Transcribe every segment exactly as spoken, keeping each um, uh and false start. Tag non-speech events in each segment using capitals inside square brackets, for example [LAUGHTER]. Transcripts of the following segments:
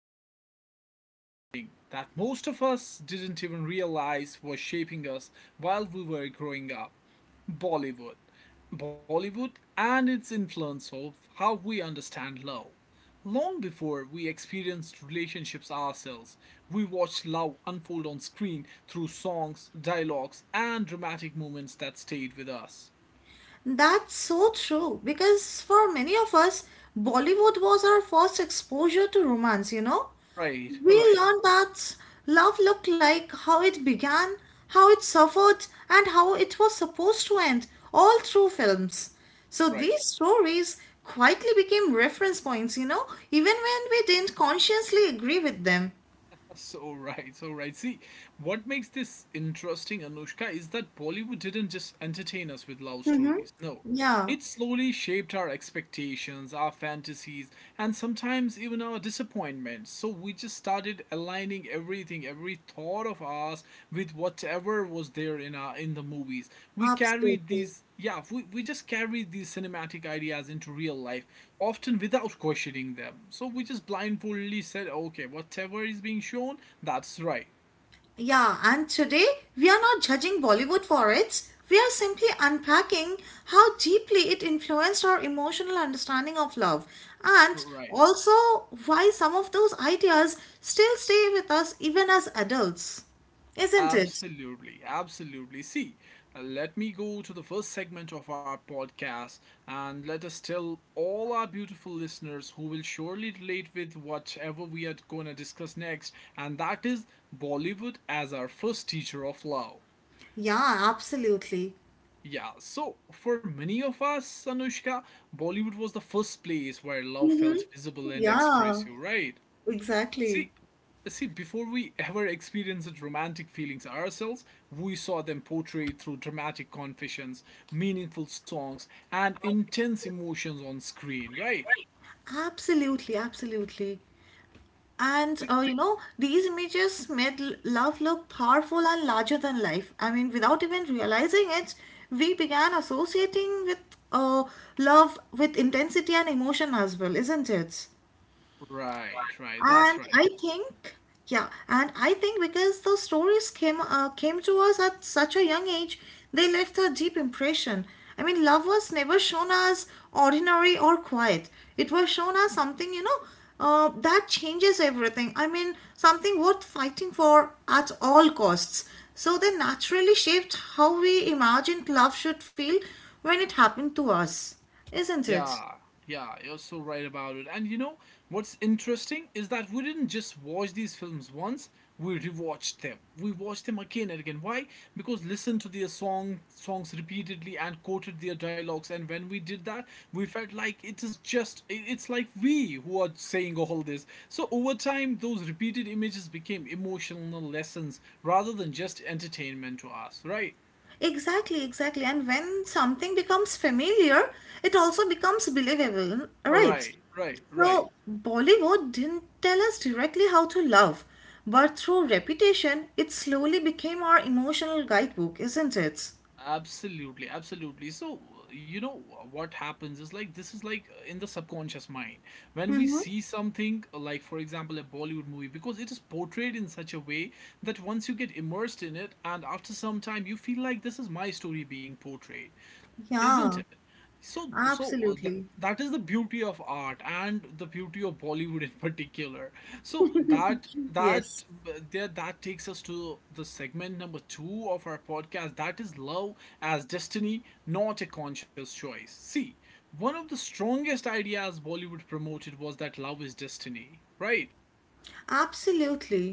we are diving into something that most of us didn't even realize was shaping us while we were growing up, Bollywood. Bollywood and its influence of how we understand love. Long before we experienced relationships ourselves, we watched love unfold on screen through songs, dialogues, and dramatic moments that stayed with us. That's so true because for many of us, Bollywood was our first exposure to romance, you know? Right, [LAUGHS] We right, learned that love looked like, how it began, how it suffered, and how it was supposed to end, all through films. So right. these stories quietly became reference points, you know, even when we didn't consciously agree with them. So right, so right. See, what makes this interesting, Anushka, is that Bollywood didn't just entertain us with love Mm-hmm. stories. No, Yeah, it slowly shaped our expectations, our fantasies, and sometimes even our disappointments. So we just started aligning every everything, every thought of us with whatever was there in our in the movies. We carried absolutely. these yeah, we, we just carried these cinematic ideas into real life, often without questioning them. So we just blindfoldly said, okay, whatever is being shown, that's right. Yeah, and today we are not judging Bollywood for its, we are simply unpacking how deeply it influenced our emotional understanding of love and Right. also why some of those ideas still stay with us even as adults. Isn't it? Absolutely, absolutely. See, uh, let me go to the first segment of our podcast, and let us tell all our beautiful listeners who will surely relate with whatever we are going to discuss next, and that is Bollywood as our first teacher of love. Yeah, absolutely. Yeah, so for many of us, Anushka, Bollywood was the first place where love Hmm. felt visible and Yeah, expressive, right? exactly. See, see, before we ever experienced romantic feelings ourselves, we saw them portrayed through dramatic confessions, meaningful songs, and intense emotions on screen, right? Absolutely, absolutely. And See- uh, you know, these images made l- love look powerful and larger than life. I mean, without even realizing it, we began associating with uh, love with intensity and emotion as well, isn't it? Right, right, that's And right. I think, yeah, and I think because those stories came uh, came to us at such a young age, they left a deep impression. I mean, love was never shown as ordinary or quiet. It was shown as something, you know, uh, that changes everything. I mean, something worth fighting for at all costs. So they naturally shaped how we imagined love should feel when it happened to us, isn't it? Yeah, yeah, you're so right about it. And you know what's interesting is that we didn't just watch these films once, we rewatched them. We watched them again and again. Why? Because listened to their song songs repeatedly and quoted their dialogues. And when we did that, we felt like it is just I- it's like we who are saying all this. So over time, those repeated images became emotional lessons rather than just entertainment to us, right? Exactly, exactly. And when something becomes familiar, it also becomes believable, right? Right, right, So, right. Bollywood didn't tell us directly how to love, but through reputation, it slowly became our emotional guidebook, isn't it? Absolutely, absolutely. So, uh, you know wh- what happens is like, this is like uh, in the subconscious mind. When we Mm-hmm. see something uh, like, for example, a Bollywood movie, because it is portrayed in such a way that once you get immersed in it, and after some time you feel like this is my story being portrayed, isn't Yeah, it? So so that absolutely. that is the beauty of art and the beauty of Bollywood [LAUGHS] in particular. So that that Yes. uh, there that takes us to the segment number two of our podcast, that is love as destiny, not a conscious choice. See, one of the strongest ideas Bollywood promoted was that love is destiny, right? Absolutely.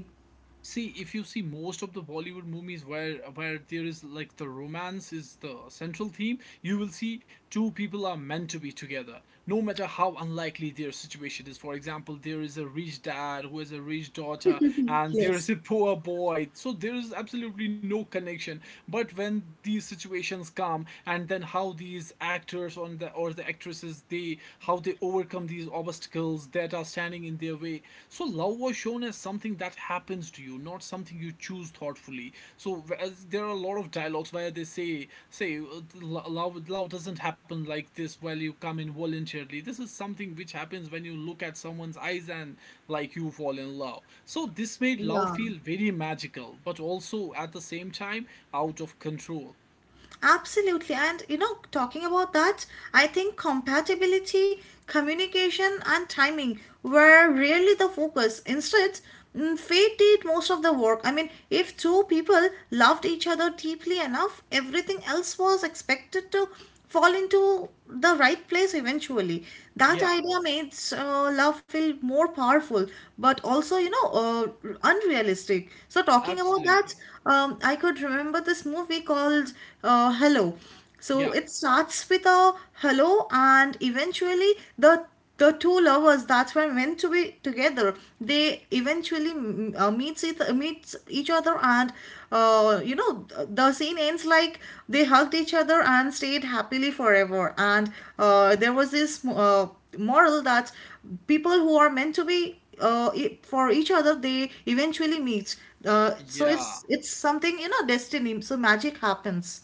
See, if you see most of the Bollywood movies where where there is like the romance is the central theme, you will see two people are meant to be together, no matter how unlikely their situation is. For example, there is a rich dad who has a rich daughter, and there Yes. is a poor boy. So there is absolutely no connection. But when these situations come, and then how how these actors on the or the actresses, they how they overcome these obstacles that are standing in their way. So love was shown as something that happens to you, not something you choose thoughtfully. So, as there are a lot of dialogues where they say say uh, lo- love love doesn't happen like this, while you come in voluntarily, this is something which happens when you look at someone's eyes, and like, you fall in love. So this made love Yeah. feel very magical, but also at the same time out of control. Absolutely. And you know, talking about that, I think compatibility, communication, and timing were really the focus. Instead, mm, fate did most of the work. I mean, if two people loved each other deeply enough, everything else was expected to fall into the right place eventually. That Yeah. idea makes uh, love feel more powerful, but also, you know, uh, unrealistic. So, talking about that, Absolutely. um, I could remember this movie called uh, Hello. So, Yeah. it starts with a hello, and eventually, the the two lovers that's why meant to be together they eventually mm, uh, meets each, meets each other and uh, you know the scene ends like they hugged each other and stayed happily forever and uh, there was this uh, moral that people who are meant to be uh, e- for each other they eventually meet uh, so Yeah. it's it's something you know destiny so magic happens.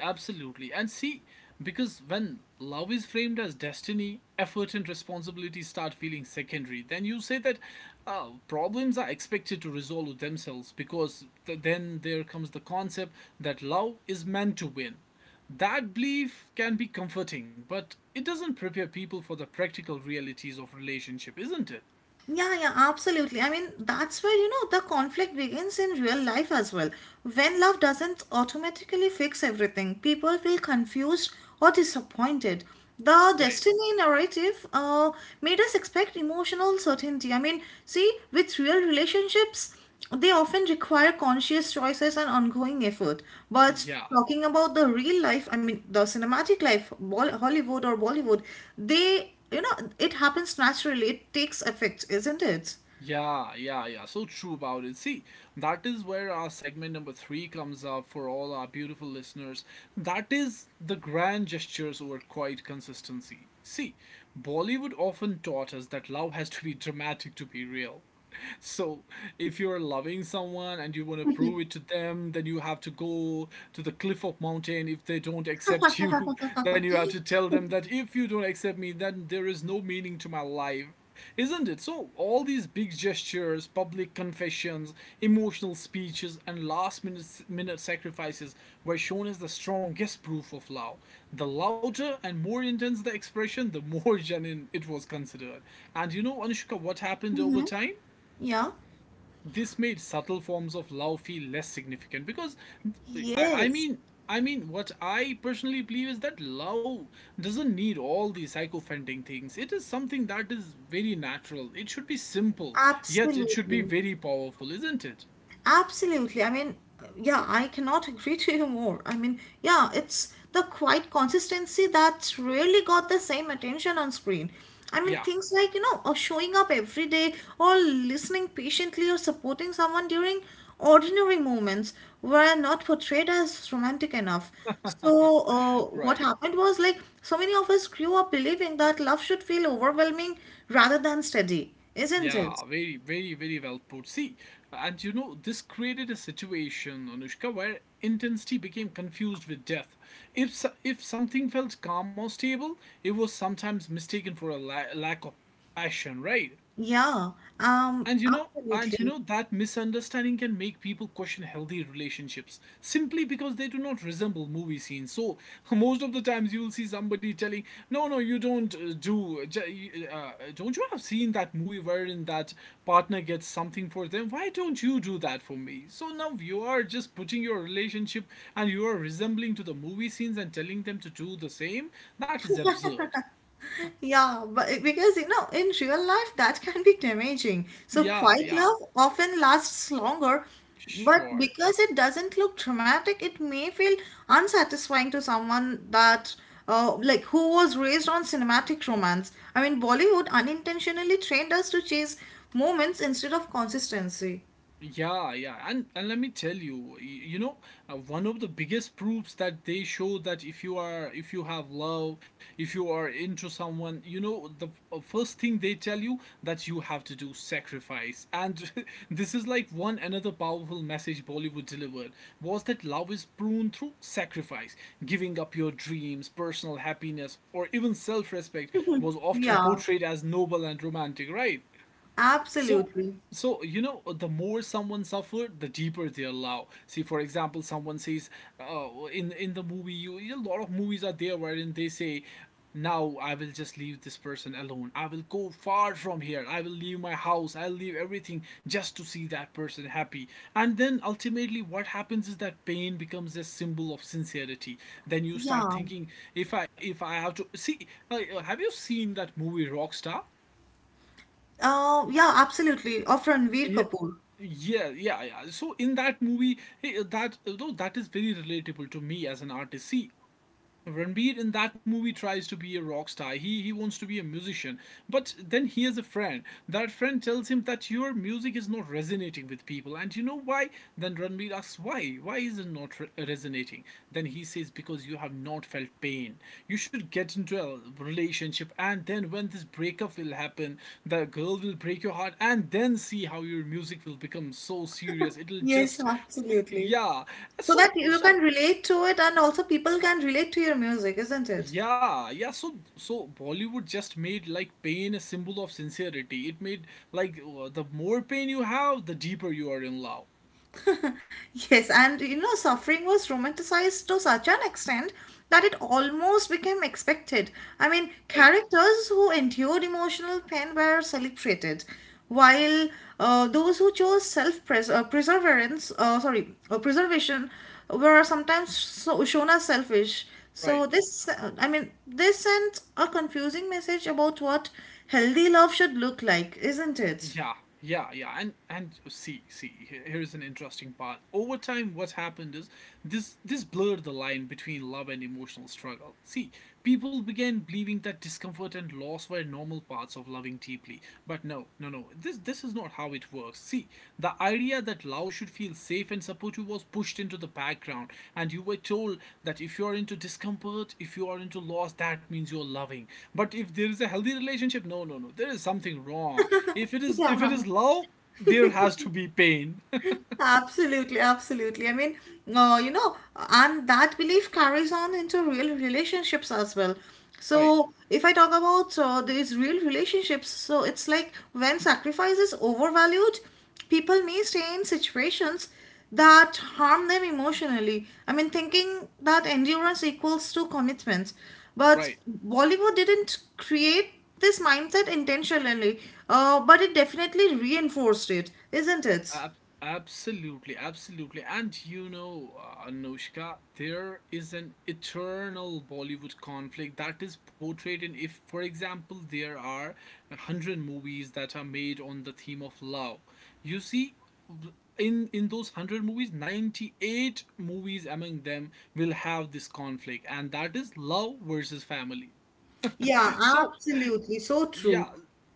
Absolutely. And see, because when love is framed as destiny, effort and responsibility start feeling secondary. Then you say that uh, problems are expected to resolve themselves, because th- then there comes the concept that love is meant to win. That belief can be comforting, but it doesn't prepare people for the practical realities of relationship, isn't it? Yeah, yeah, absolutely. I mean, that's where, you know, the conflict begins in real life as well. When love doesn't automatically fix everything, people feel confused or disappointed. The Right. destiny narrative uh, made us expect emotional certainty. I mean, see, with real relationships, they often require conscious choices and ongoing effort. But Yeah. talking about the real life, I mean, the cinematic life, Bol- Hollywood or Bollywood, they, you know, it happens naturally. It takes effect, isn't it? Yeah, yeah, yeah. So true about it. See, that is where our segment number three comes up for all our beautiful listeners. That is the grand gestures over quiet consistency. See, Bollywood often taught us that love has to be dramatic to be real. So, if you're loving someone and you want to prove it to them, then you have to go to the cliff of mountain. If they don't accept you, [LAUGHS] then you have to tell them that if you don't accept me, then there is no meaning to my life. Isn't it? So, all these big gestures, public confessions, emotional speeches, and last minute, minute sacrifices were shown as the strongest proof of love. The louder and more intense the expression, the more [LAUGHS] genuine it was considered. And you know, Anushka, what happened over Hmm. time? Yeah. This made subtle forms of love feel less significant, because I, I Yes, mean I mean what I personally believe is that love doesn't need all these psychofending things. It is something that is very natural. It should be simple, yet it should be absolutely. very powerful, isn't it? Absolutely. I mean, yeah, I cannot agree to you more. I mean, yeah, it's the quiet consistency that's really got the same attention on screen. I mean, Yeah, things like, you know, or showing up every day or listening patiently or supporting someone during ordinary moments were not portrayed as romantic enough. So, uh, what right. happened was like so many of us grew up believing that love should feel overwhelming rather than steady, isn't it? Yeah, very, very, very well put. See, and you know, this created a situation, Anushka, where intensity became confused with depth. If so- if something felt calm or stable, it was sometimes mistaken for a la- lack of passion, right? Yeah, um, And you know, and you absolutely. know that misunderstanding can make people question healthy relationships simply because they do not resemble movie scenes. So [LAUGHS] most of the times you will see somebody telling, "No, no, you don't uh, do. J- Uh, uh, don't you have seen that movie wherein that partner gets something for them? Why don't you do that for me?" So now you are just putting your relationship and you are resembling to the movie scenes and telling them to do the same. That is absurd. Yeah, but because you know, in real life, that [LAUGHS] can be damaging. So, Yeah, quiet yeah, love often lasts longer, but sure. because it doesn't look dramatic, it may feel unsatisfying to someone that, uh, like, who was raised on cinematic romance. I mean, Bollywood unintentionally trained us to chase moments instead of consistency. Yeah, yeah, and and let me tell you, y- you know, uh, one of the biggest proofs that they show, that if you are, if you have love, if you are into someone, you know, the f- uh, first thing they tell you, that you have to do sacrifice, and [LAUGHS] this is like one another powerful message Bollywood delivered, was that love is pruned through sacrifice. Giving up your dreams, personal happiness, or even self-respect was often Yeah, portrayed as noble and romantic, right? So, absolutely. so you know, the more someone suffered, the deeper they allow. See, for example, someone says, uh, in in the movie, you, a lot of movies are there wherein they say, "Now I will just leave this person alone. I will go far from here. I will leave my house. I'll leave everything just to see that person happy." And then ultimately, what happens is that pain becomes a symbol of sincerity. Then you start Yeah, thinking, if I if I have to see, uh, have you seen that movie Rockstar? uh, yeah, absolutely. Of Ranveer Kapoor. Yeah, yeah, yeah. So in that movie, hey, uh, that uh, though that is very relatable to me as an artist. See, Ranbir in that movie tries to be a rock star. He he wants to be a musician. But then he has a friend. That friend tells him that your music is not resonating with people. And you know why? Then Ranbir asks why? Why is it not re- resonating? Then he says, because you have not felt pain. You should get into a relationship, and then when this breakup will happen, the girl will break your heart, and then see how your music will become so serious. It'll Yes, just, absolutely. yeah. So that So you can so relate to it and also people can relate to your music, isn't it? yeah, yeah. So, so Bollywood just made like pain a symbol of sincerity. It made like, uh, the more pain you have, the deeper you are in love. [LAUGHS] Yes, and you know, suffering was romanticized to such an extent that it almost became expected. I mean, Right, characters who endured emotional pain were celebrated, while uh, those who chose self-pres uh, perseverance, uh, sorry, uh, preservation, were sometimes so- shown as selfish. So right. this, uh, I mean, this sent a confusing message about what healthy love should look like, isn't it? Yeah, yeah, yeah. And and oh, see, see. he- Here is an interesting part. Over time, what happened is, this this blurred the line between love and emotional struggle. See, people began believing that discomfort and loss were normal parts of loving deeply. But no, no, no. This this is not how it works. See, the idea that Laos should feel safe and supportive was pushed into the background, and you were told that if you are into discomfort, if you are into loss, that means you are loving. But if there is a healthy relationship, no, no, no, there is something wrong. If it is, Yeah. if it is love, there has to be pain. Absolutely, absolutely. I mean, uh, you know, and that belief carries on into real relationships as well. [LAUGHS] Right, So, if I talk about uh, these real relationships, so it's like when sacrifice is overvalued, people may stay in situations that harm them emotionally. I mean, thinking that endurance equals to commitment. But right. Bollywood didn't create this mindset intentionally, uh, but it definitely reinforced it, isn't it? Ab- Absolutely, absolutely. And you know, uh, Anushka, there is an eternal Bollywood conflict that is portrayed in if, for example, there are a hundred movies that are made on the theme of love. You see, w- in in those hundred movies, ninety eight movies among them will have this conflict, and that is love versus family. Yeah, So absolutely. So yeah, true.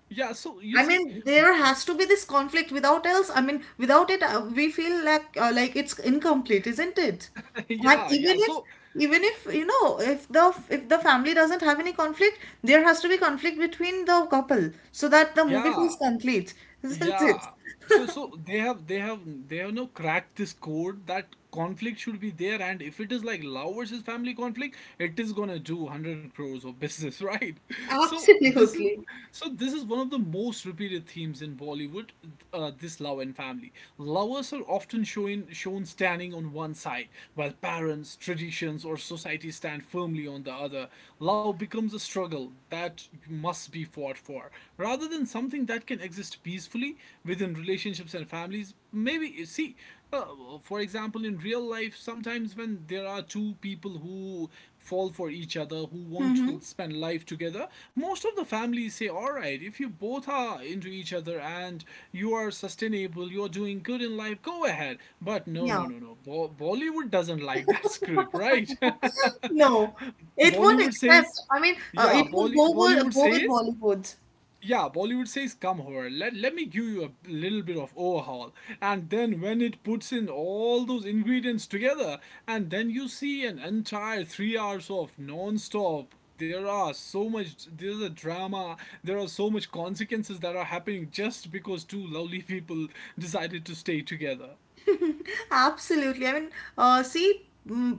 yeah. So you I see, mean, there has to be this conflict. Without else, I mean, without it, uh, we feel like uh, like it's incomplete, isn't it? [LAUGHS] And yeah, even yeah. if So even if you know if the if the family doesn't have any conflict, there has to be conflict between the couple so that the movie yeah. feels complete, [LAUGHS] isn't it? Yeah. So so they have they have they have now cracked this code that conflict should be there, and if it is like love versus family conflict, it is gonna do one hundred crores of business, [LAUGHS] right? So this is Absolutely. so this is one of the most repeated themes in Bollywood, uh, this love and family. Lovers are often shown shown standing on one side, while parents, traditions, or society stand firmly on the other. Love becomes a struggle that must be fought for rather than something that can exist peacefully within relationships and families. Maybe, you see, uh, for example, in real life, sometimes when there are two people who fall for each other, who want Mm-hmm. to spend life together, most of the families say, all right, if you both are into each other and you are sustainable, you're doing good in life, go ahead. But no, Yeah. no, no, no. Bo- Bollywood doesn't like that [LAUGHS] script, right? No, [LAUGHS] it won't Bollywood accept. says, I mean, uh, yeah it would Bolly- go bollywood with, go with says Bollywood. yeah, Bollywood says, come here, let, let me give you a little bit of overhaul. And then when it puts in all those ingredients together, and then you see an entire three hours of non-stop. There are so much, there's a drama, there are so much consequences that are happening just because two lovely [LAUGHS] people decided to stay together. Absolutely. I mean, uh, see, mm,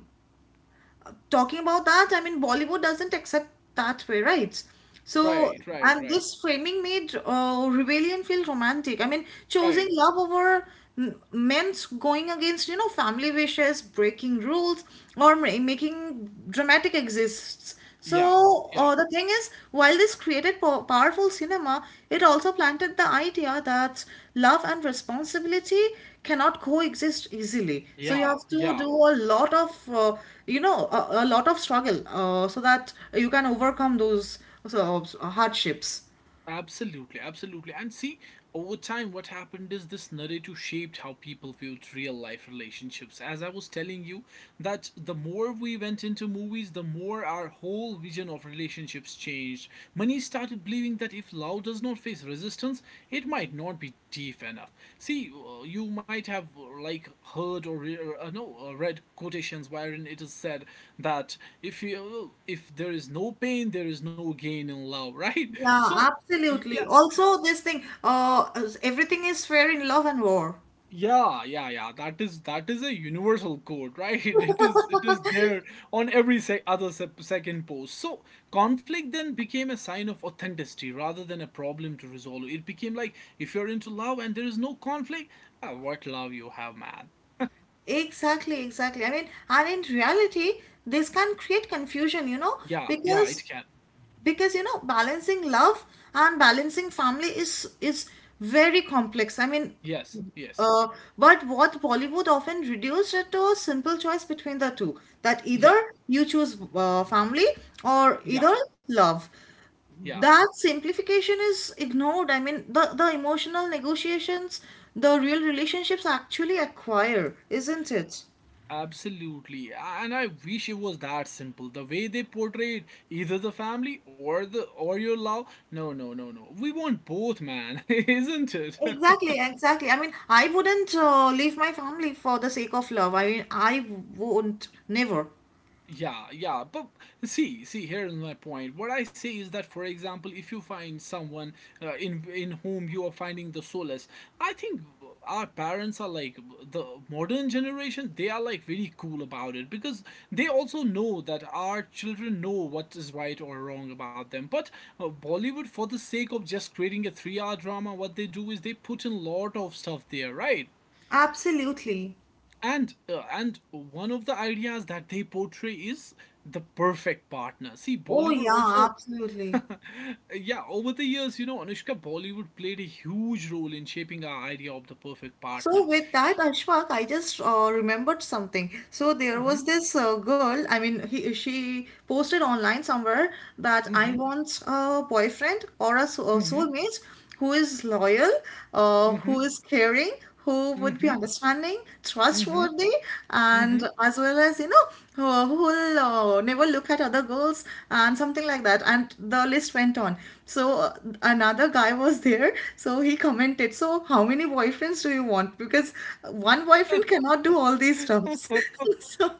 talking about that, I mean, Bollywood doesn't accept that way, right? So, Right, right, and right, this framing made uh, rebellion feel romantic. I mean, choosing right. love over m- men's going against, you know, family wishes, breaking rules, or ma- making dramatic exists. Yeah, So yeah, uh, the thing is, while this created po- powerful cinema, it also planted the idea that love and responsibility cannot coexist easily. So you yeah, have to yeah. do a lot of, uh, you know, a, a lot of struggle uh, so that you can overcome those uh, hardships. Absolutely, absolutely. And see, over time, what happened is this narrative shaped how people viewed real life relationships. As I was telling you, that the more we went into movies, the more our whole vision of relationships changed. Many started believing that if love does not face resistance, it might not be deep enough. See, uh, you might have uh, like heard or re- or, uh, no uh, read quotations wherein it is said that if you if there is no pain, there is no gain in love, right? [LAUGHS] Yeah, So yeah, absolutely. Also, this thing, uh, everything is fair in love and war. yeah, yeah, yeah, that is that is a universal code, right? [LAUGHS] It is it is there on every se- other sep second post. So conflict then became a sign of authenticity rather than a problem to resolve. It became like, if you're into love and there is no conflict, ah, what love you have, man. Exactly, exactly. I mean, and in reality, this can create confusion, you know, Yeah, yeah, it because can. because you know balancing love and balancing family is is very complex. I mean, Yes, yes. uh, but what Bollywood often reduced it to a simple choice between the two that either Yeah, you choose uh, family or yeah, either love. yeah. That simplification is ignored. I mean, the, the emotional negotiations the real relationships actually acquire, isn't it? Absolutely, and I wish it was that simple. The way they portrayed either the family or the or your love. No, no, no, no. We want both, man, [LAUGHS] isn't it? [LAUGHS] Exactly, exactly. I mean, I wouldn't uh, leave my family for the sake of love. I mean, I won't, never. Yeah, yeah, but see, see, here is my point. What I say is that, for example, if you find someone uh, in in whom you are finding the solace, I think our parents are like the modern generation. They are like very cool about it because they also know that our children know what is right or wrong about them. But uh, Bollywood, for the sake of just creating a three-hour drama, what they do is they put in lot of stuff there, right? Absolutely. And uh, and one of the ideas that they portray is the perfect partner. See, Oh, Bollywood yeah, also [LAUGHS] absolutely. yeah, over the years, you know, Anushka, Bollywood played a huge role in shaping our idea of the perfect partner. So with that, Ashfaq, I just uh, remembered something. So there Mm-hmm, was this uh, girl. I mean, he, she posted online somewhere that I mm-hmm, want a boyfriend or a, sou- a mm-hmm, soulmate who is loyal, uh, who mm-hmm, is caring, who would be mm-hmm, understanding, mm-hmm. trustworthy, Mm-hmm. and as well as you know, uh, who will uh, oh, never look at other girls, and something like that. And the list went on. So uh, another guy was there. So he commented, so, how many boyfriends do you want? Because one boyfriend cannot do all these stuffs. [LAUGHS] So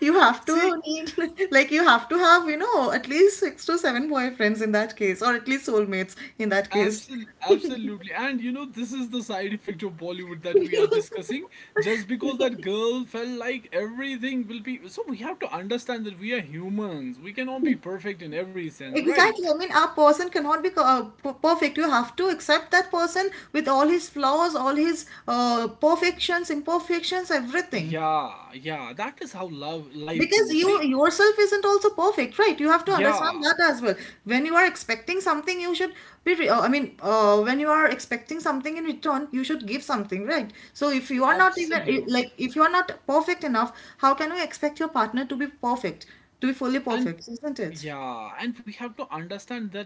you have [LAUGHS] See, to need, [LAUGHS] like, you have to have, you know, at least six to seven boyfriends in that case, or at least soulmates in that case. absolutely, absolutely, and you know this is the side effect of Bollywood that we are discussing. Just because that girl felt like everything will be, so we have to understand that we are humans. We cannot be perfect in every sense, right? Exactly. I mean, a person cannot be uh, p- perfect. You have to accept that person with all his flaws, all his uh, perfections, imperfections, everything. Yeah, yeah, that is how love life Because goes. you See, yourself isn't also perfect, right? You have to understand yeah, that as well. When you are expecting something, you should be. Re- uh, I mean, uh, when you are expecting something in return, you should give something, right? So if you are not even absolutely, like if you are not perfect enough, how can you expect your partner to be perfect, to be fully and perfect, isn't it? yeah, and we have to understand that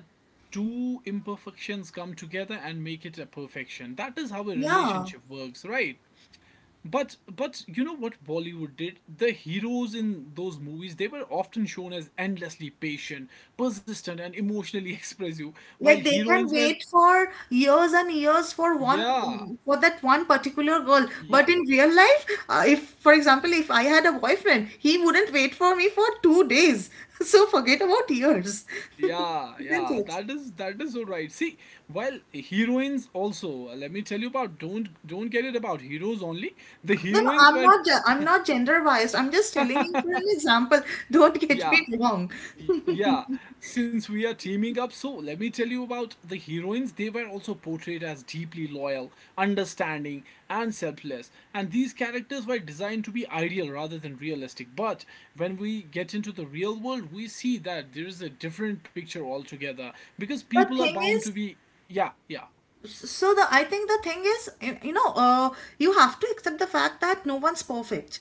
two imperfections come together and make it a perfection. That is how a Yeah. relationship works, right? But but you know what Bollywood did? The heroes in those movies, they were often shown as endlessly patient, persistent, and emotionally [LAUGHS] expressive, while Like they can heroines were wait for years and years for yeah, one for that one particular girl. yeah, But in real life, uh, if for example, if I had a boyfriend, he wouldn't wait for me for two days. [LAUGHS] So forget about years, [LAUGHS] yeah, isn't yeah, it? that is that is all right. See, while heroines also, let me tell you about don't don't get it about heroes only. The No, no, heroines I'm were not. ge- I'm not gender biased. I'm just telling you for an example. Don't [LAUGHS] get yeah, me wrong. Y- yeah, since we are teaming up, so let me tell you about the heroines. They were also portrayed as deeply loyal, understanding, and selfless. And these characters were designed to be ideal rather than realistic. But when we get into the real world, we see that there is a different picture altogether, because The people are thing bound to is, be. Yeah, yeah, so the I think the thing is y- you know uh, you have to accept the fact that no one's perfect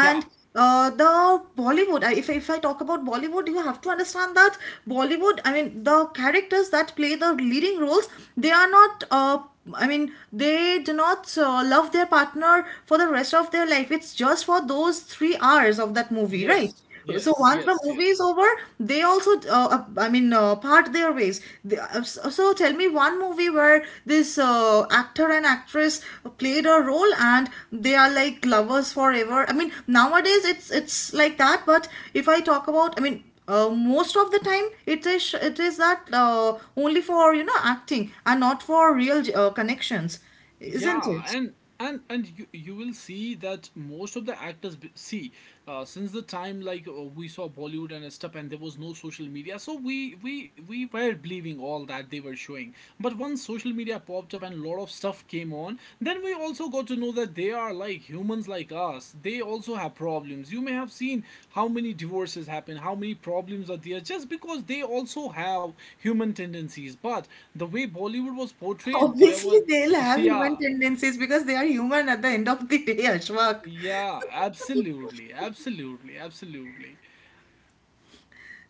yeah. uh, the Bollywood, I- if, if I talk about Bollywood, you have to understand that Bollywood, I mean, the characters that play the leading roles, they are not, uh, I mean, they do not uh, love their partner for the rest of their life. It's just for those three hours of that movie, right? Yes, So yes, once the yes, movie is yes. over, they also, uh, uh, I mean, uh, part their ways. They, uh, so so tell me one movie where this uh, actor and actress played a role and they are like lovers forever. I mean, nowadays it's it's like that. But if I talk about, I mean, uh, most of the time it is it is that uh, only for you know acting and not for real uh, connections, isn't Yeah, it? and and and you you will see that most of the actors b- see, uh, since the time like uh, we saw Bollywood and stuff, and there was no social media, so we we we were believing all that they were showing. But once social media popped up and a lot of stuff came on, then we also got to know that they are like humans like us. They also have problems. You may have seen how many divorces happen, how many problems are there, just because they also have human tendencies. But the way Bollywood was portrayed, there Obviously, were they'll [LAUGHS] have human yeah, tendencies because they are human at the end of the day, Ashwak. yeah, absolutely, absolutely, absolutely.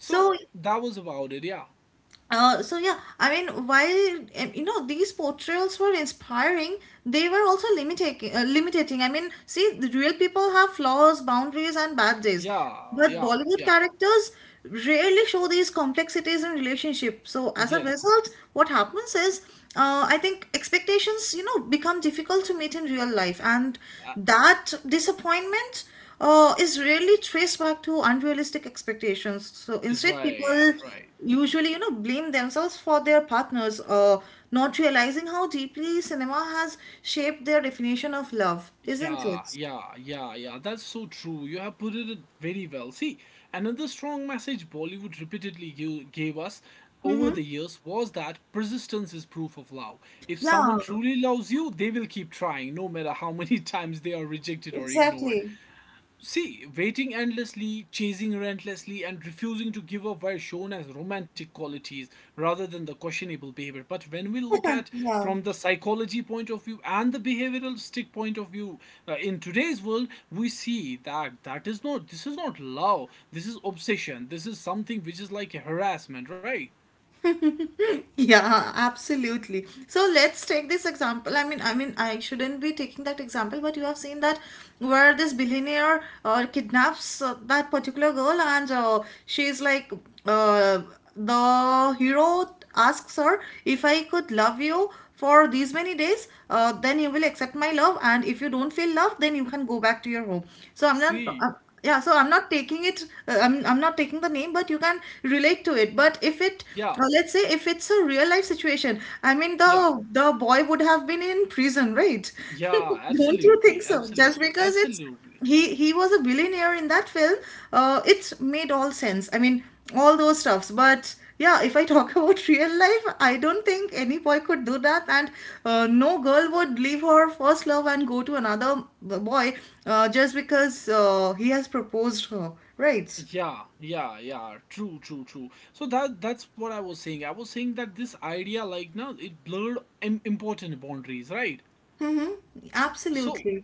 So, that was about it. Yeah, uh, so yeah, I mean, while um, you know these portrayals were inspiring, they were also limiting. Uh, limiting. I mean, see, the real people have flaws, boundaries, and bad days, yeah, but yeah, Bollywood yeah. characters rarely show these complexities in relationship. So, as a Yes, result, what happens is, uh, I think expectations, you know, become difficult to meet in real life, and uh, that disappointment uh, is rarely traced back to unrealistic expectations. So instead, right, people right. usually you know blame themselves for their partners, uh, not realizing how deeply cinema has shaped their definition of love, isn't Yeah, it? yeah, yeah, yeah. That's so true. You have put it very well. See, another strong message Bollywood repeatedly gi- gave us over Mm-hmm. the years was that persistence is proof of love. If someone Yeah, truly loves you, they will keep trying, no matter how many [LAUGHS] times they are rejected or ignored. exactly. See, waiting endlessly, chasing relentlessly, and refusing to give up were shown as romantic qualities rather than the questionable behavior. But when we look at [LAUGHS] Yeah. from the psychology point of view and the behavioral stick point of view, uh, in today's world, we see that that is not this is not love. This is obsession. This is something which is like harassment, right? [LAUGHS] Yeah, absolutely. So let's take this example. I mean, I mean, I shouldn't be taking that example, but you have seen that, where this billionaire uh, kidnaps, uh, that particular girl, and, uh, she's like, uh, the hero asks her, if I could love you for these many days, uh, then you will accept my love, and if you don't feel love, then you can go back to your home. So I'm See, not Yeah, so i'm not taking it. Uh, I'm, I'm not taking the name, but you can relate to it. But if it yeah, uh, Let's say if it's a real life situation. I mean, yeah, the the boy would have been in prison, right? [LAUGHS] yeah, Don't you think absolutely, so? Just absolutely, because it's absolutely. he he was a billionaire in that film, uh, it's made all sense. I mean, all those stuffs. But yeah, if I talk about [LAUGHS] real life, I don't think any boy could do that. And, uh, no girl would leave her first love and go to another b- boy, uh, just because, uh, he has proposed her, right? Yeah, yeah, yeah. True, true, true. So that that's what I was saying. I was saying that this idea, like now, it blurred Im- important boundaries, right? Mm-hmm. So Absolutely.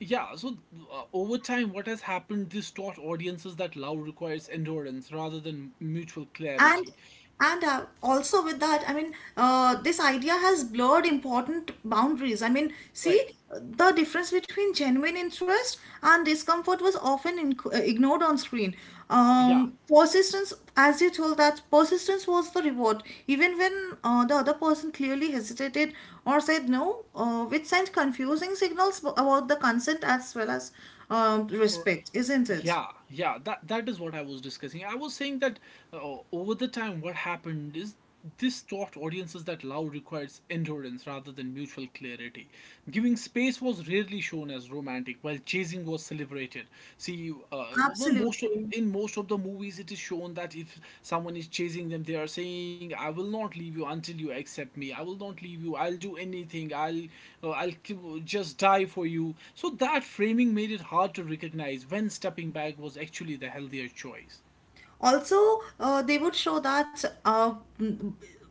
yeah, so uh, over time, what has happened? This taught audiences that love requires endurance rather than mutual and clarity, and uh, also with that, I mean, uh, this idea has blurred important boundaries. I mean, see, right? the difference between genuine interest and discomfort was often inc- uh, ignored on screen. Yeah, um, Persistence, as you told, that persistence was the reward even when, uh, the other person clearly hesitated or said no, uh, which sent confusing signals about the consent as well as um, respect, isn't it? yeah, yeah, that that is what I was discussing. I was saying that uh, over the time what happened is this taught audiences that love requires endurance rather than mutual clarity. Giving space was rarely shown as romantic, while chasing was celebrated. See, uh, well, most of, Absolutely. in most of the movies it is shown that if someone is chasing them, they are saying, I will not leave you until you accept me. I will not leave you. I'll do anything. i'll uh, I'll just die for you. So that framing made it hard to recognize when stepping back was actually the healthier choice. Also, uh, they would show that, uh,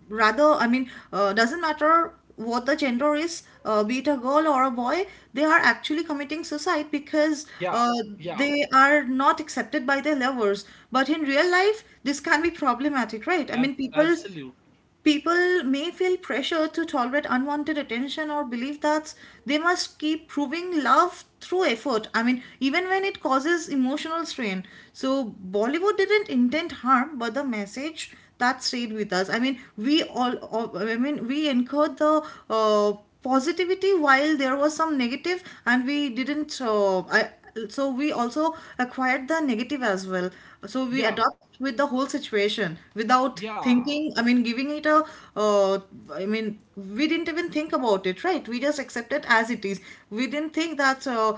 rather, I mean, uh, doesn't matter what the gender is, uh, be it a girl or a boy, they are actually committing suicide because, Yeah, uh, yeah, they are not accepted by their lovers. But in real life, this can be problematic, right? I mean, ab- people absolutely. People may feel pressure to tolerate unwanted attention, or believe that they must keep proving love through effort. I mean, even when it causes emotional strain. So, Bollywood didn't intend harm, but the message that stayed with us. I mean, we all, all- I mean, we incurred the, uh, positivity while there was some negative, and we didn't, uh, I, so we also acquired the negative as well. So we Yeah, adopt with the whole situation without yeah, thinking. I mean giving it a uh, i mean we didn't even think about it, right? We just accept it as it is. We didn't think that, uh,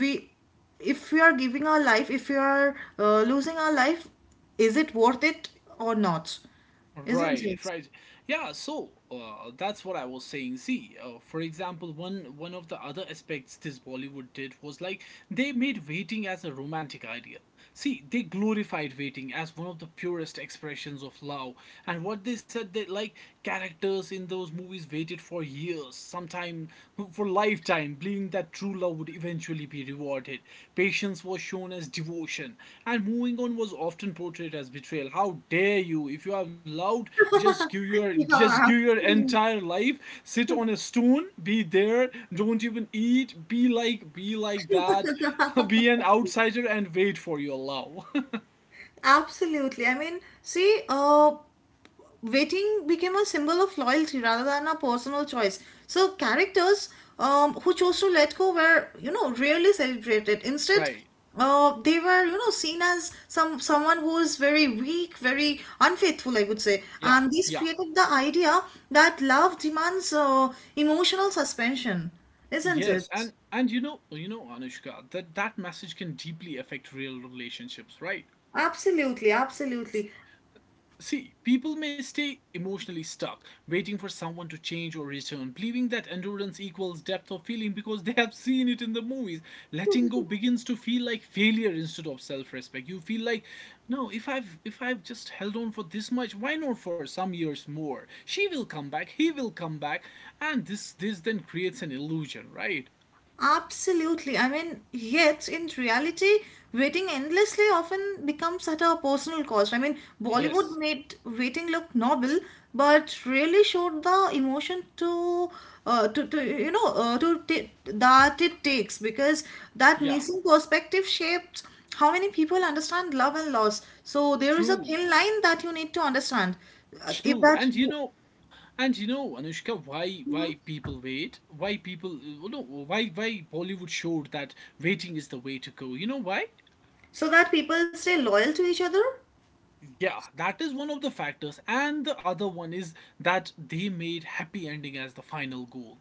we if we are giving our life, if we are, uh, losing our life, is it worth it or not, isn't right, it? right. Yeah, so uh, that's what I was saying. See, uh, for example, one one of the other aspects this Bollywood did was like they made waiting as a romantic ideal. See, they glorified waiting as one of the purest expressions of love, and what they said that like characters in those movies waited for years, sometime for lifetime, believing that true love would eventually be rewarded. Patience was shown as devotion, and moving on was often portrayed as betrayal. How dare you? If you have loved, just give your [LAUGHS] just Yeah. give your entire life. Sit on a stone, be there, don't even eat, be like be like that, [LAUGHS] be an outsider and wait for your love. [LAUGHS] Absolutely. I mean, see, uh, waiting became a symbol of loyalty rather than a personal choice. So characters, um, who chose to let go, were, you know, rarely celebrated. Instead, Right. uh, they were, you know, seen as some someone who is very weak, very unfaithful, I would say. Yeah. And this Yeah. created the idea that love demands, uh, emotional suspension, isn't Yes. it? And and you know, you know Anushka, that that message can deeply affect real relationships, right? Absolutely, absolutely. See, people may stay emotionally stuck, waiting for someone to change or return, believing that endurance equals depth of feeling because [LAUGHS] they have seen it in the movies. Letting go begins to feel like failure instead of self-respect. You feel like, no, if I've if I've just held on for this much, why not for some years more? She will come back, he will come back, and this this then creates an illusion, right? Absolutely. I mean, yet in reality, waiting endlessly often becomes at a personal cost. I mean, Bollywood Yes. made waiting look noble, but really showed the emotion to, uh, to, to you know, uh, to t- that it takes, because that Yeah. missing perspective shapes how many people understand love and loss. So there is a True. thin line that you need to understand. Uh, If True. that, And you know, And you know, Anushka, why Mhm. why people wait? Why people well, no? Why why Bollywood showed that waiting is the way to go? You know why? So that people stay loyal to each other. Yeah, that is one of the factors, and the other one is that they made happy ending as the final goal.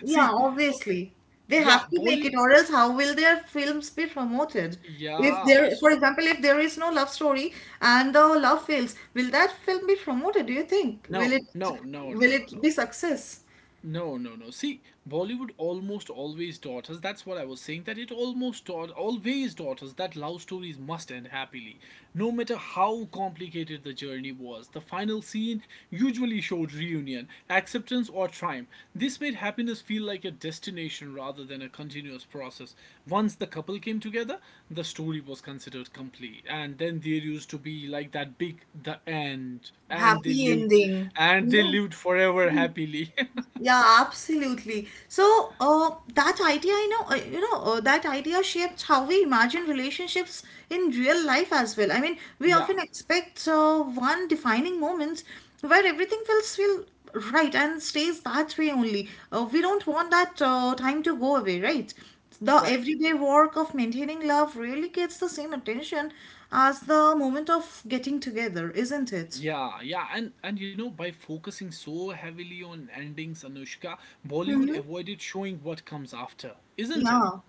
Yeah, See, uh, obviously. They yeah, have to make Bollywood. it, or else how will their films be promoted? If there, Yeah, For so example, if there is no love story and the love fails, will that film be promoted, do you think? Will no, it, no, no, will no, no, it be no. success? No, no, no. See, Bollywood almost always taught us. That's what I was saying. That it almost taught, always taught us that love stories must end happily. No matter how complicated the journey was, the final scene usually showed reunion, acceptance, or triumph. This made happiness feel like a destination rather than a continuous process. Once the couple came together, the story was considered complete. And then there used to be like that big, the end. And they Happy lived, ending. and they No. lived forever happily. Yeah, absolutely. So, uh, that idea, you know, uh, you know, uh, that idea shapes how we imagine relationships in real life as well. I mean, we Yeah, often expect, uh, one defining moments where everything feels feel right and stays that way only. Uh, we don't want that, uh, time to go away, right? The right. everyday work of maintaining love really gets the same attention as the moment of getting together, isn't it? Yeah, yeah, and and you know, by focusing so heavily on endings, Anushka, Bollywood Mm-hmm. avoided showing what comes after, isn't it? Yeah,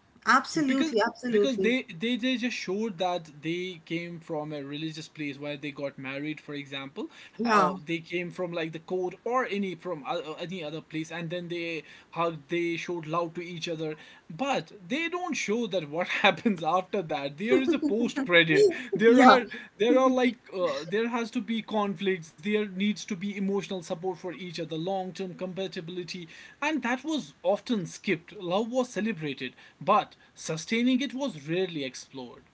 Because absolutely, because absolutely. they, they they just showed that they came from a religious place where they got married, for example. uh, Yeah. They came from like the court or any from o- any other place, and then they hugged, they showed love to each other, but they don't show that what [LAUGHS] happens after that. There is a post credit. there Yeah, are there are like, uh, there has to be conflicts, there needs to be emotional support for each other, long term compatibility, and that was often skipped. Love was celebrated, but sustaining it was rarely explored.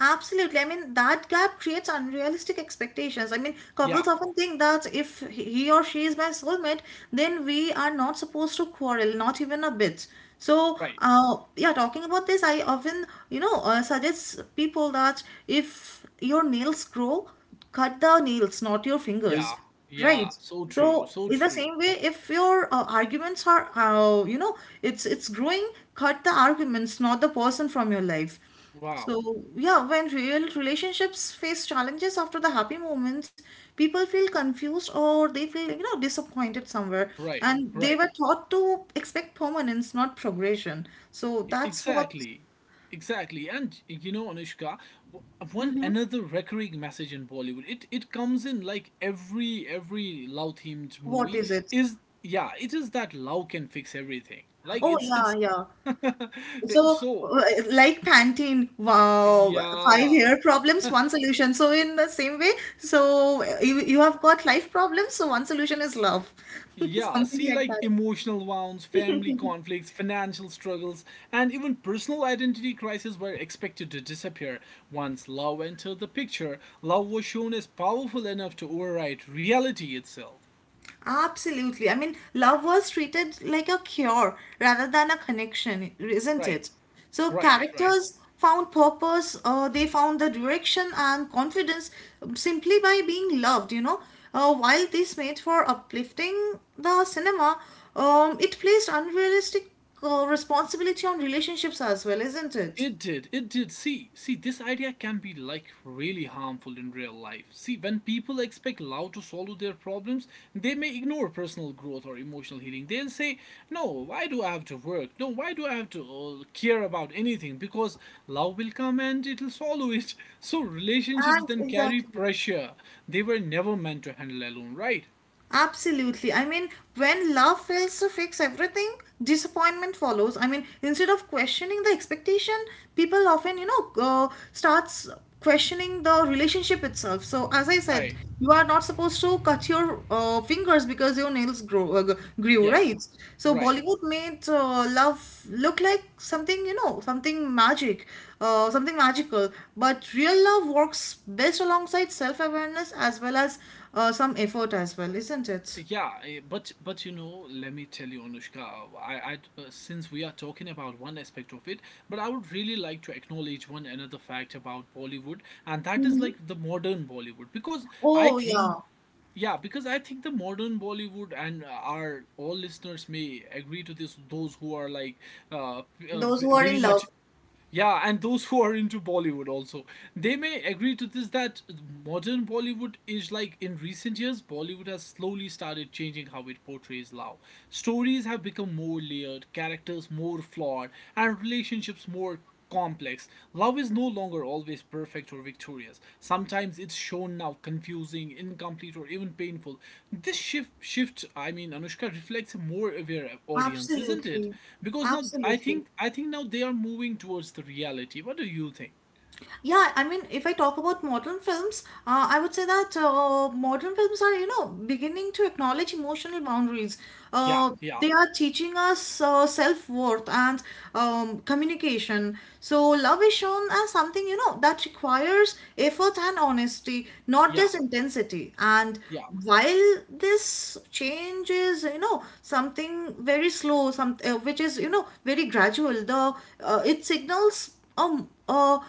absolutely. I mean, that gap creates unrealistic expectations. I mean, couples Yeah, often think that if he or she is my soulmate, then we are not supposed to quarrel, not even a bit. So, right. uh, yeah, talking about this, I often, you know, uh, suggest people that if your nails grow, cut the nails, not your Yeah, fingers, yeah. right? So true. So So in the true. same way, if your, uh, arguments are, uh, you know, it's it's growing, cut the arguments, not the person from your life. Wow. So, yeah, when real relationships face challenges after the happy moments, people feel confused, or they feel, you know, disappointed somewhere. Right, And they right. were taught to expect permanence, not progression. So E- that's what. Exactly. Exactly. And you know, Anushka, w- one Mhm. another recurring message in Bollywood, it, it comes in like every every love themed What movie is it? is, yeah, it is that love can fix everything. Like Oh it's yeah, it's yeah. [LAUGHS] it- So so uh, like Pantene, wow, five yeah. year problems, one solution. So in the same way, so uh, you you have got life problems, so one solution is love, [LAUGHS] Yeah, something see, like like that. emotional wounds, family conflicts, financial struggles, and even personal identity crises were expected to disappear. Once love entered the picture, love was shown as powerful enough to override reality itself. Absolutely. I mean, love was treated like a cure rather than a connection, isn't it? Right, So right, right. characters found purpose, uh, they found the direction and confidence simply by being loved, you know. Uh, while this made for uplifting the cinema, um, it placed unrealistic, uh, responsibility on relationships as well, isn't it? It did. It did. See, see, this idea can be like really harmful in real life. See, when people expect love to solve their problems, they may ignore personal growth or emotional healing. They'll say, "No, why do I have to work? No, why do I have to uh, care about anything? Because love will come and it'll swallow it." [LAUGHS] So relationships And then carry exactly. pressure. They were never meant to handle alone, right? Absolutely. I mean, when love fails to fix everything, disappointment follows. I mean, instead of questioning the expectation, people often, you know, uh, starts questioning the relationship itself. So, as I said, Right. you are not supposed to cut your, uh, fingers because your nails grow uh, g- grew, Yeah. right? So, Right. Bollywood made, uh, love look like something, you know, something magic, uh, something magical. But real love works best alongside self-awareness as well as, uh, some effort as well, isn't it? Yeah, eh, but but you know, let me tell you, Anushka, I, I uh, since we are talking about one aspect of it, but I would really like to acknowledge one another fact about Bollywood, and that is Hmm. like the modern Bollywood, because I Oh, think, yeah. yeah, because I think the modern Bollywood and uh, our all listeners may agree to this, those who are like uh, p- uh Those v- who are very in much, love. yeah, and those who are into Bollywood also. They may agree to this that modern Bollywood is like, in recent years, Bollywood has slowly started changing how it portrays love. Stories have become more layered, characters more flawed, and relationships more complex. Love is no longer always perfect or victorious. Sometimes it's shown now confusing, incomplete, or even painful. This shift, shift, I mean, Anushka, reflects a more aware audience, isn't it? Absolutely. Because now I Absolutely. think, I think now they are moving towards the reality. What do you think? Yeah, I mean, if I talk about modern films, uh, I would say that, uh, modern films are, you know, beginning to acknowledge emotional boundaries. Yeah, Uh, yeah, They are teaching us, uh, self-worth and, um, communication. So love is shown as something, you know, that requires effort and honesty, not yeah, just intensity. And yeah. while this change is, you know, something very slow, some uh, which is, you know, very gradual, the uh, it signals um, uh,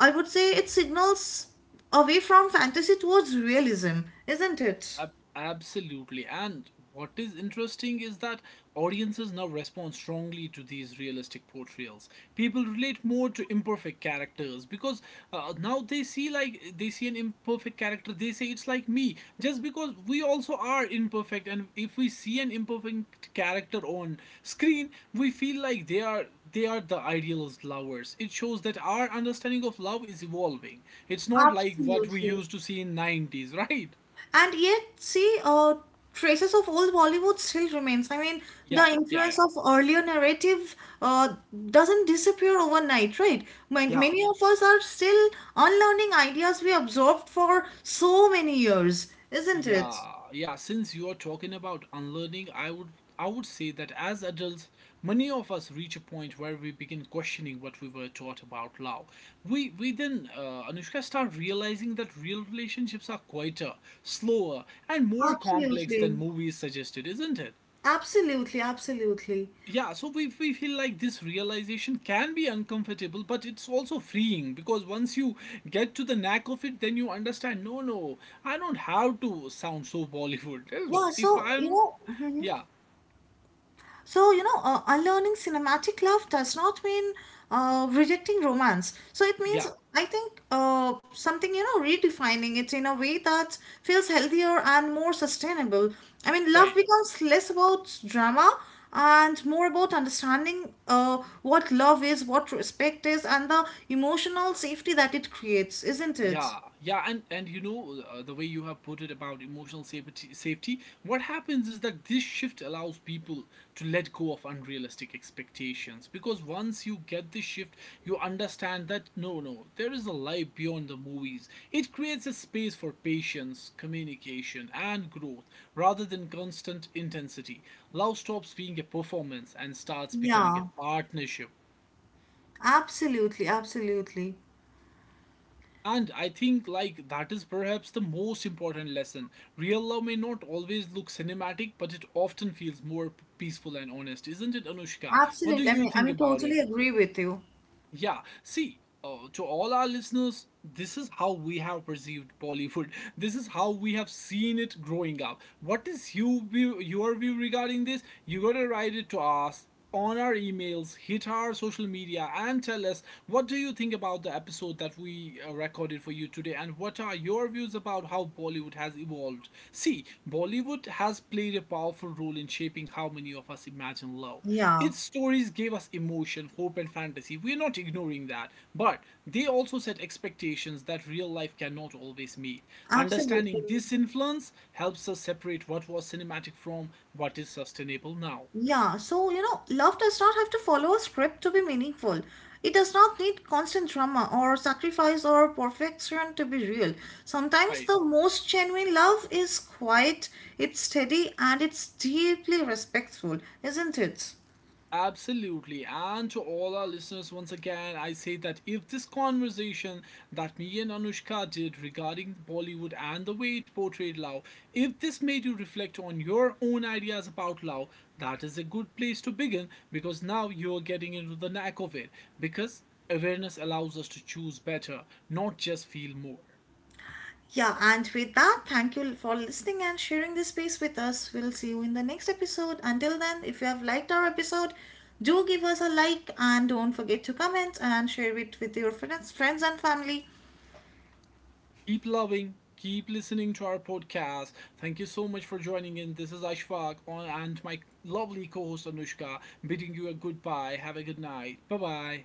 I would say it signals away from fantasy towards realism, isn't it? Ab- absolutely. And what is interesting is that audiences now respond strongly to these realistic portrayals. People relate more to imperfect characters because, uh, now they see, like they see an imperfect character, they say it's like me. Just because we also are imperfect, and if we see an imperfect character on screen, we feel like they are they are the idealist lovers. It shows that our understanding of love is evolving. It's not Abs- like what we used to see in nineties, [LAUGHS] right? And yet, see, uh, traces of old Bollywood still remains. I mean, the Yeah, yeah, influence yeah, of earlier narrative, uh, doesn't disappear overnight, right? Man- yeah, Many of us are still unlearning ideas we absorbed for so many years, isn't it? yeah, yeah. Since you are talking about unlearning, I would I would say that as adults, many of us reach a point where we begin questioning what we were taught about love. We we then, uh, Anushka, start realizing that real relationships are quieter, slower, and more complex than Absolutely. movies suggested, isn't it? Absolutely, absolutely. Yeah, so we, we feel like this realization can be uncomfortable, but it's also freeing, because once you get to the knack of it, then you understand, no, no, I don't have to sound so Bollywood. Yeah, [LAUGHS] If so, you I'm, know, mhm. yeah, So, you know, uh, unlearning cinematic love does not mean, uh, rejecting romance. So, it yeah, means, I think, uh, something, you know, redefining it in a way that feels healthier and more sustainable. I mean, love right. becomes less about drama and more about understanding, uh, what love is, what respect is, and the emotional safety that it creates, isn't it? Yeah, yeah, and and you know, uh, the way you have put it about emotional safety, safety. What happens is that this shift allows people to let go of unrealistic expectations, because once you get this shift, you understand that no, no, there is a life beyond the movies. It creates a space for patience, communication, and growth rather than constant intensity. Love stops being a performance and starts becoming Yeah, a partnership. absolutely, absolutely. And I think, like, that is perhaps the most important lesson. Real love may not always look cinematic, but it often feels more p- peaceful and honest, isn't it, Anushka? What do Absolutely. I you mean, I think mean, about it? totally agree with you. Yeah, see, uh, to all our listeners, this is how we have perceived Bollywood. [LAUGHS] This is how we have seen it growing up. What is you view, your view regarding this? You gotta write it to us on our emails, hit our social media, and tell us what do you think about the episode that we uh, recorded for you today, and what are your views about how Bollywood has evolved. See, Bollywood has played a powerful role in shaping how many of us imagine love. Yeah, Its stories gave us emotion, hope, and fantasy. We're not ignoring that, but they also set expectations that real life cannot always meet. absolutely. Understanding this influence helps us separate what was cinematic from what is sustainable now. Yeah, so you know, love does not have to follow a script to be meaningful. It does not need constant drama or sacrifice or perfection to be real. Sometimes Right. the most genuine love is quiet, it's steady, and it's deeply respectful, isn't it? Absolutely. And to all our listeners, once again, I say that if this conversation that me and Anushka did regarding Bollywood and the way it portrayed love, if this made you reflect on your own ideas about love, that is a good place to begin, because now you're getting into the knack of it. Because awareness allows us to choose better, not just feel more. Yeah, and with that, thank you for listening and sharing this space with us. We'll see you in the next episode. Until then, if you have liked our episode, do give us a like, and don't forget to comment and share it with your friends, friends and family. Keep loving, keep listening to our podcast. Thank you so much for joining in. This is Ashfaq and my lovely co host Anushka, bidding you a goodbye. Have a good night. Bye bye.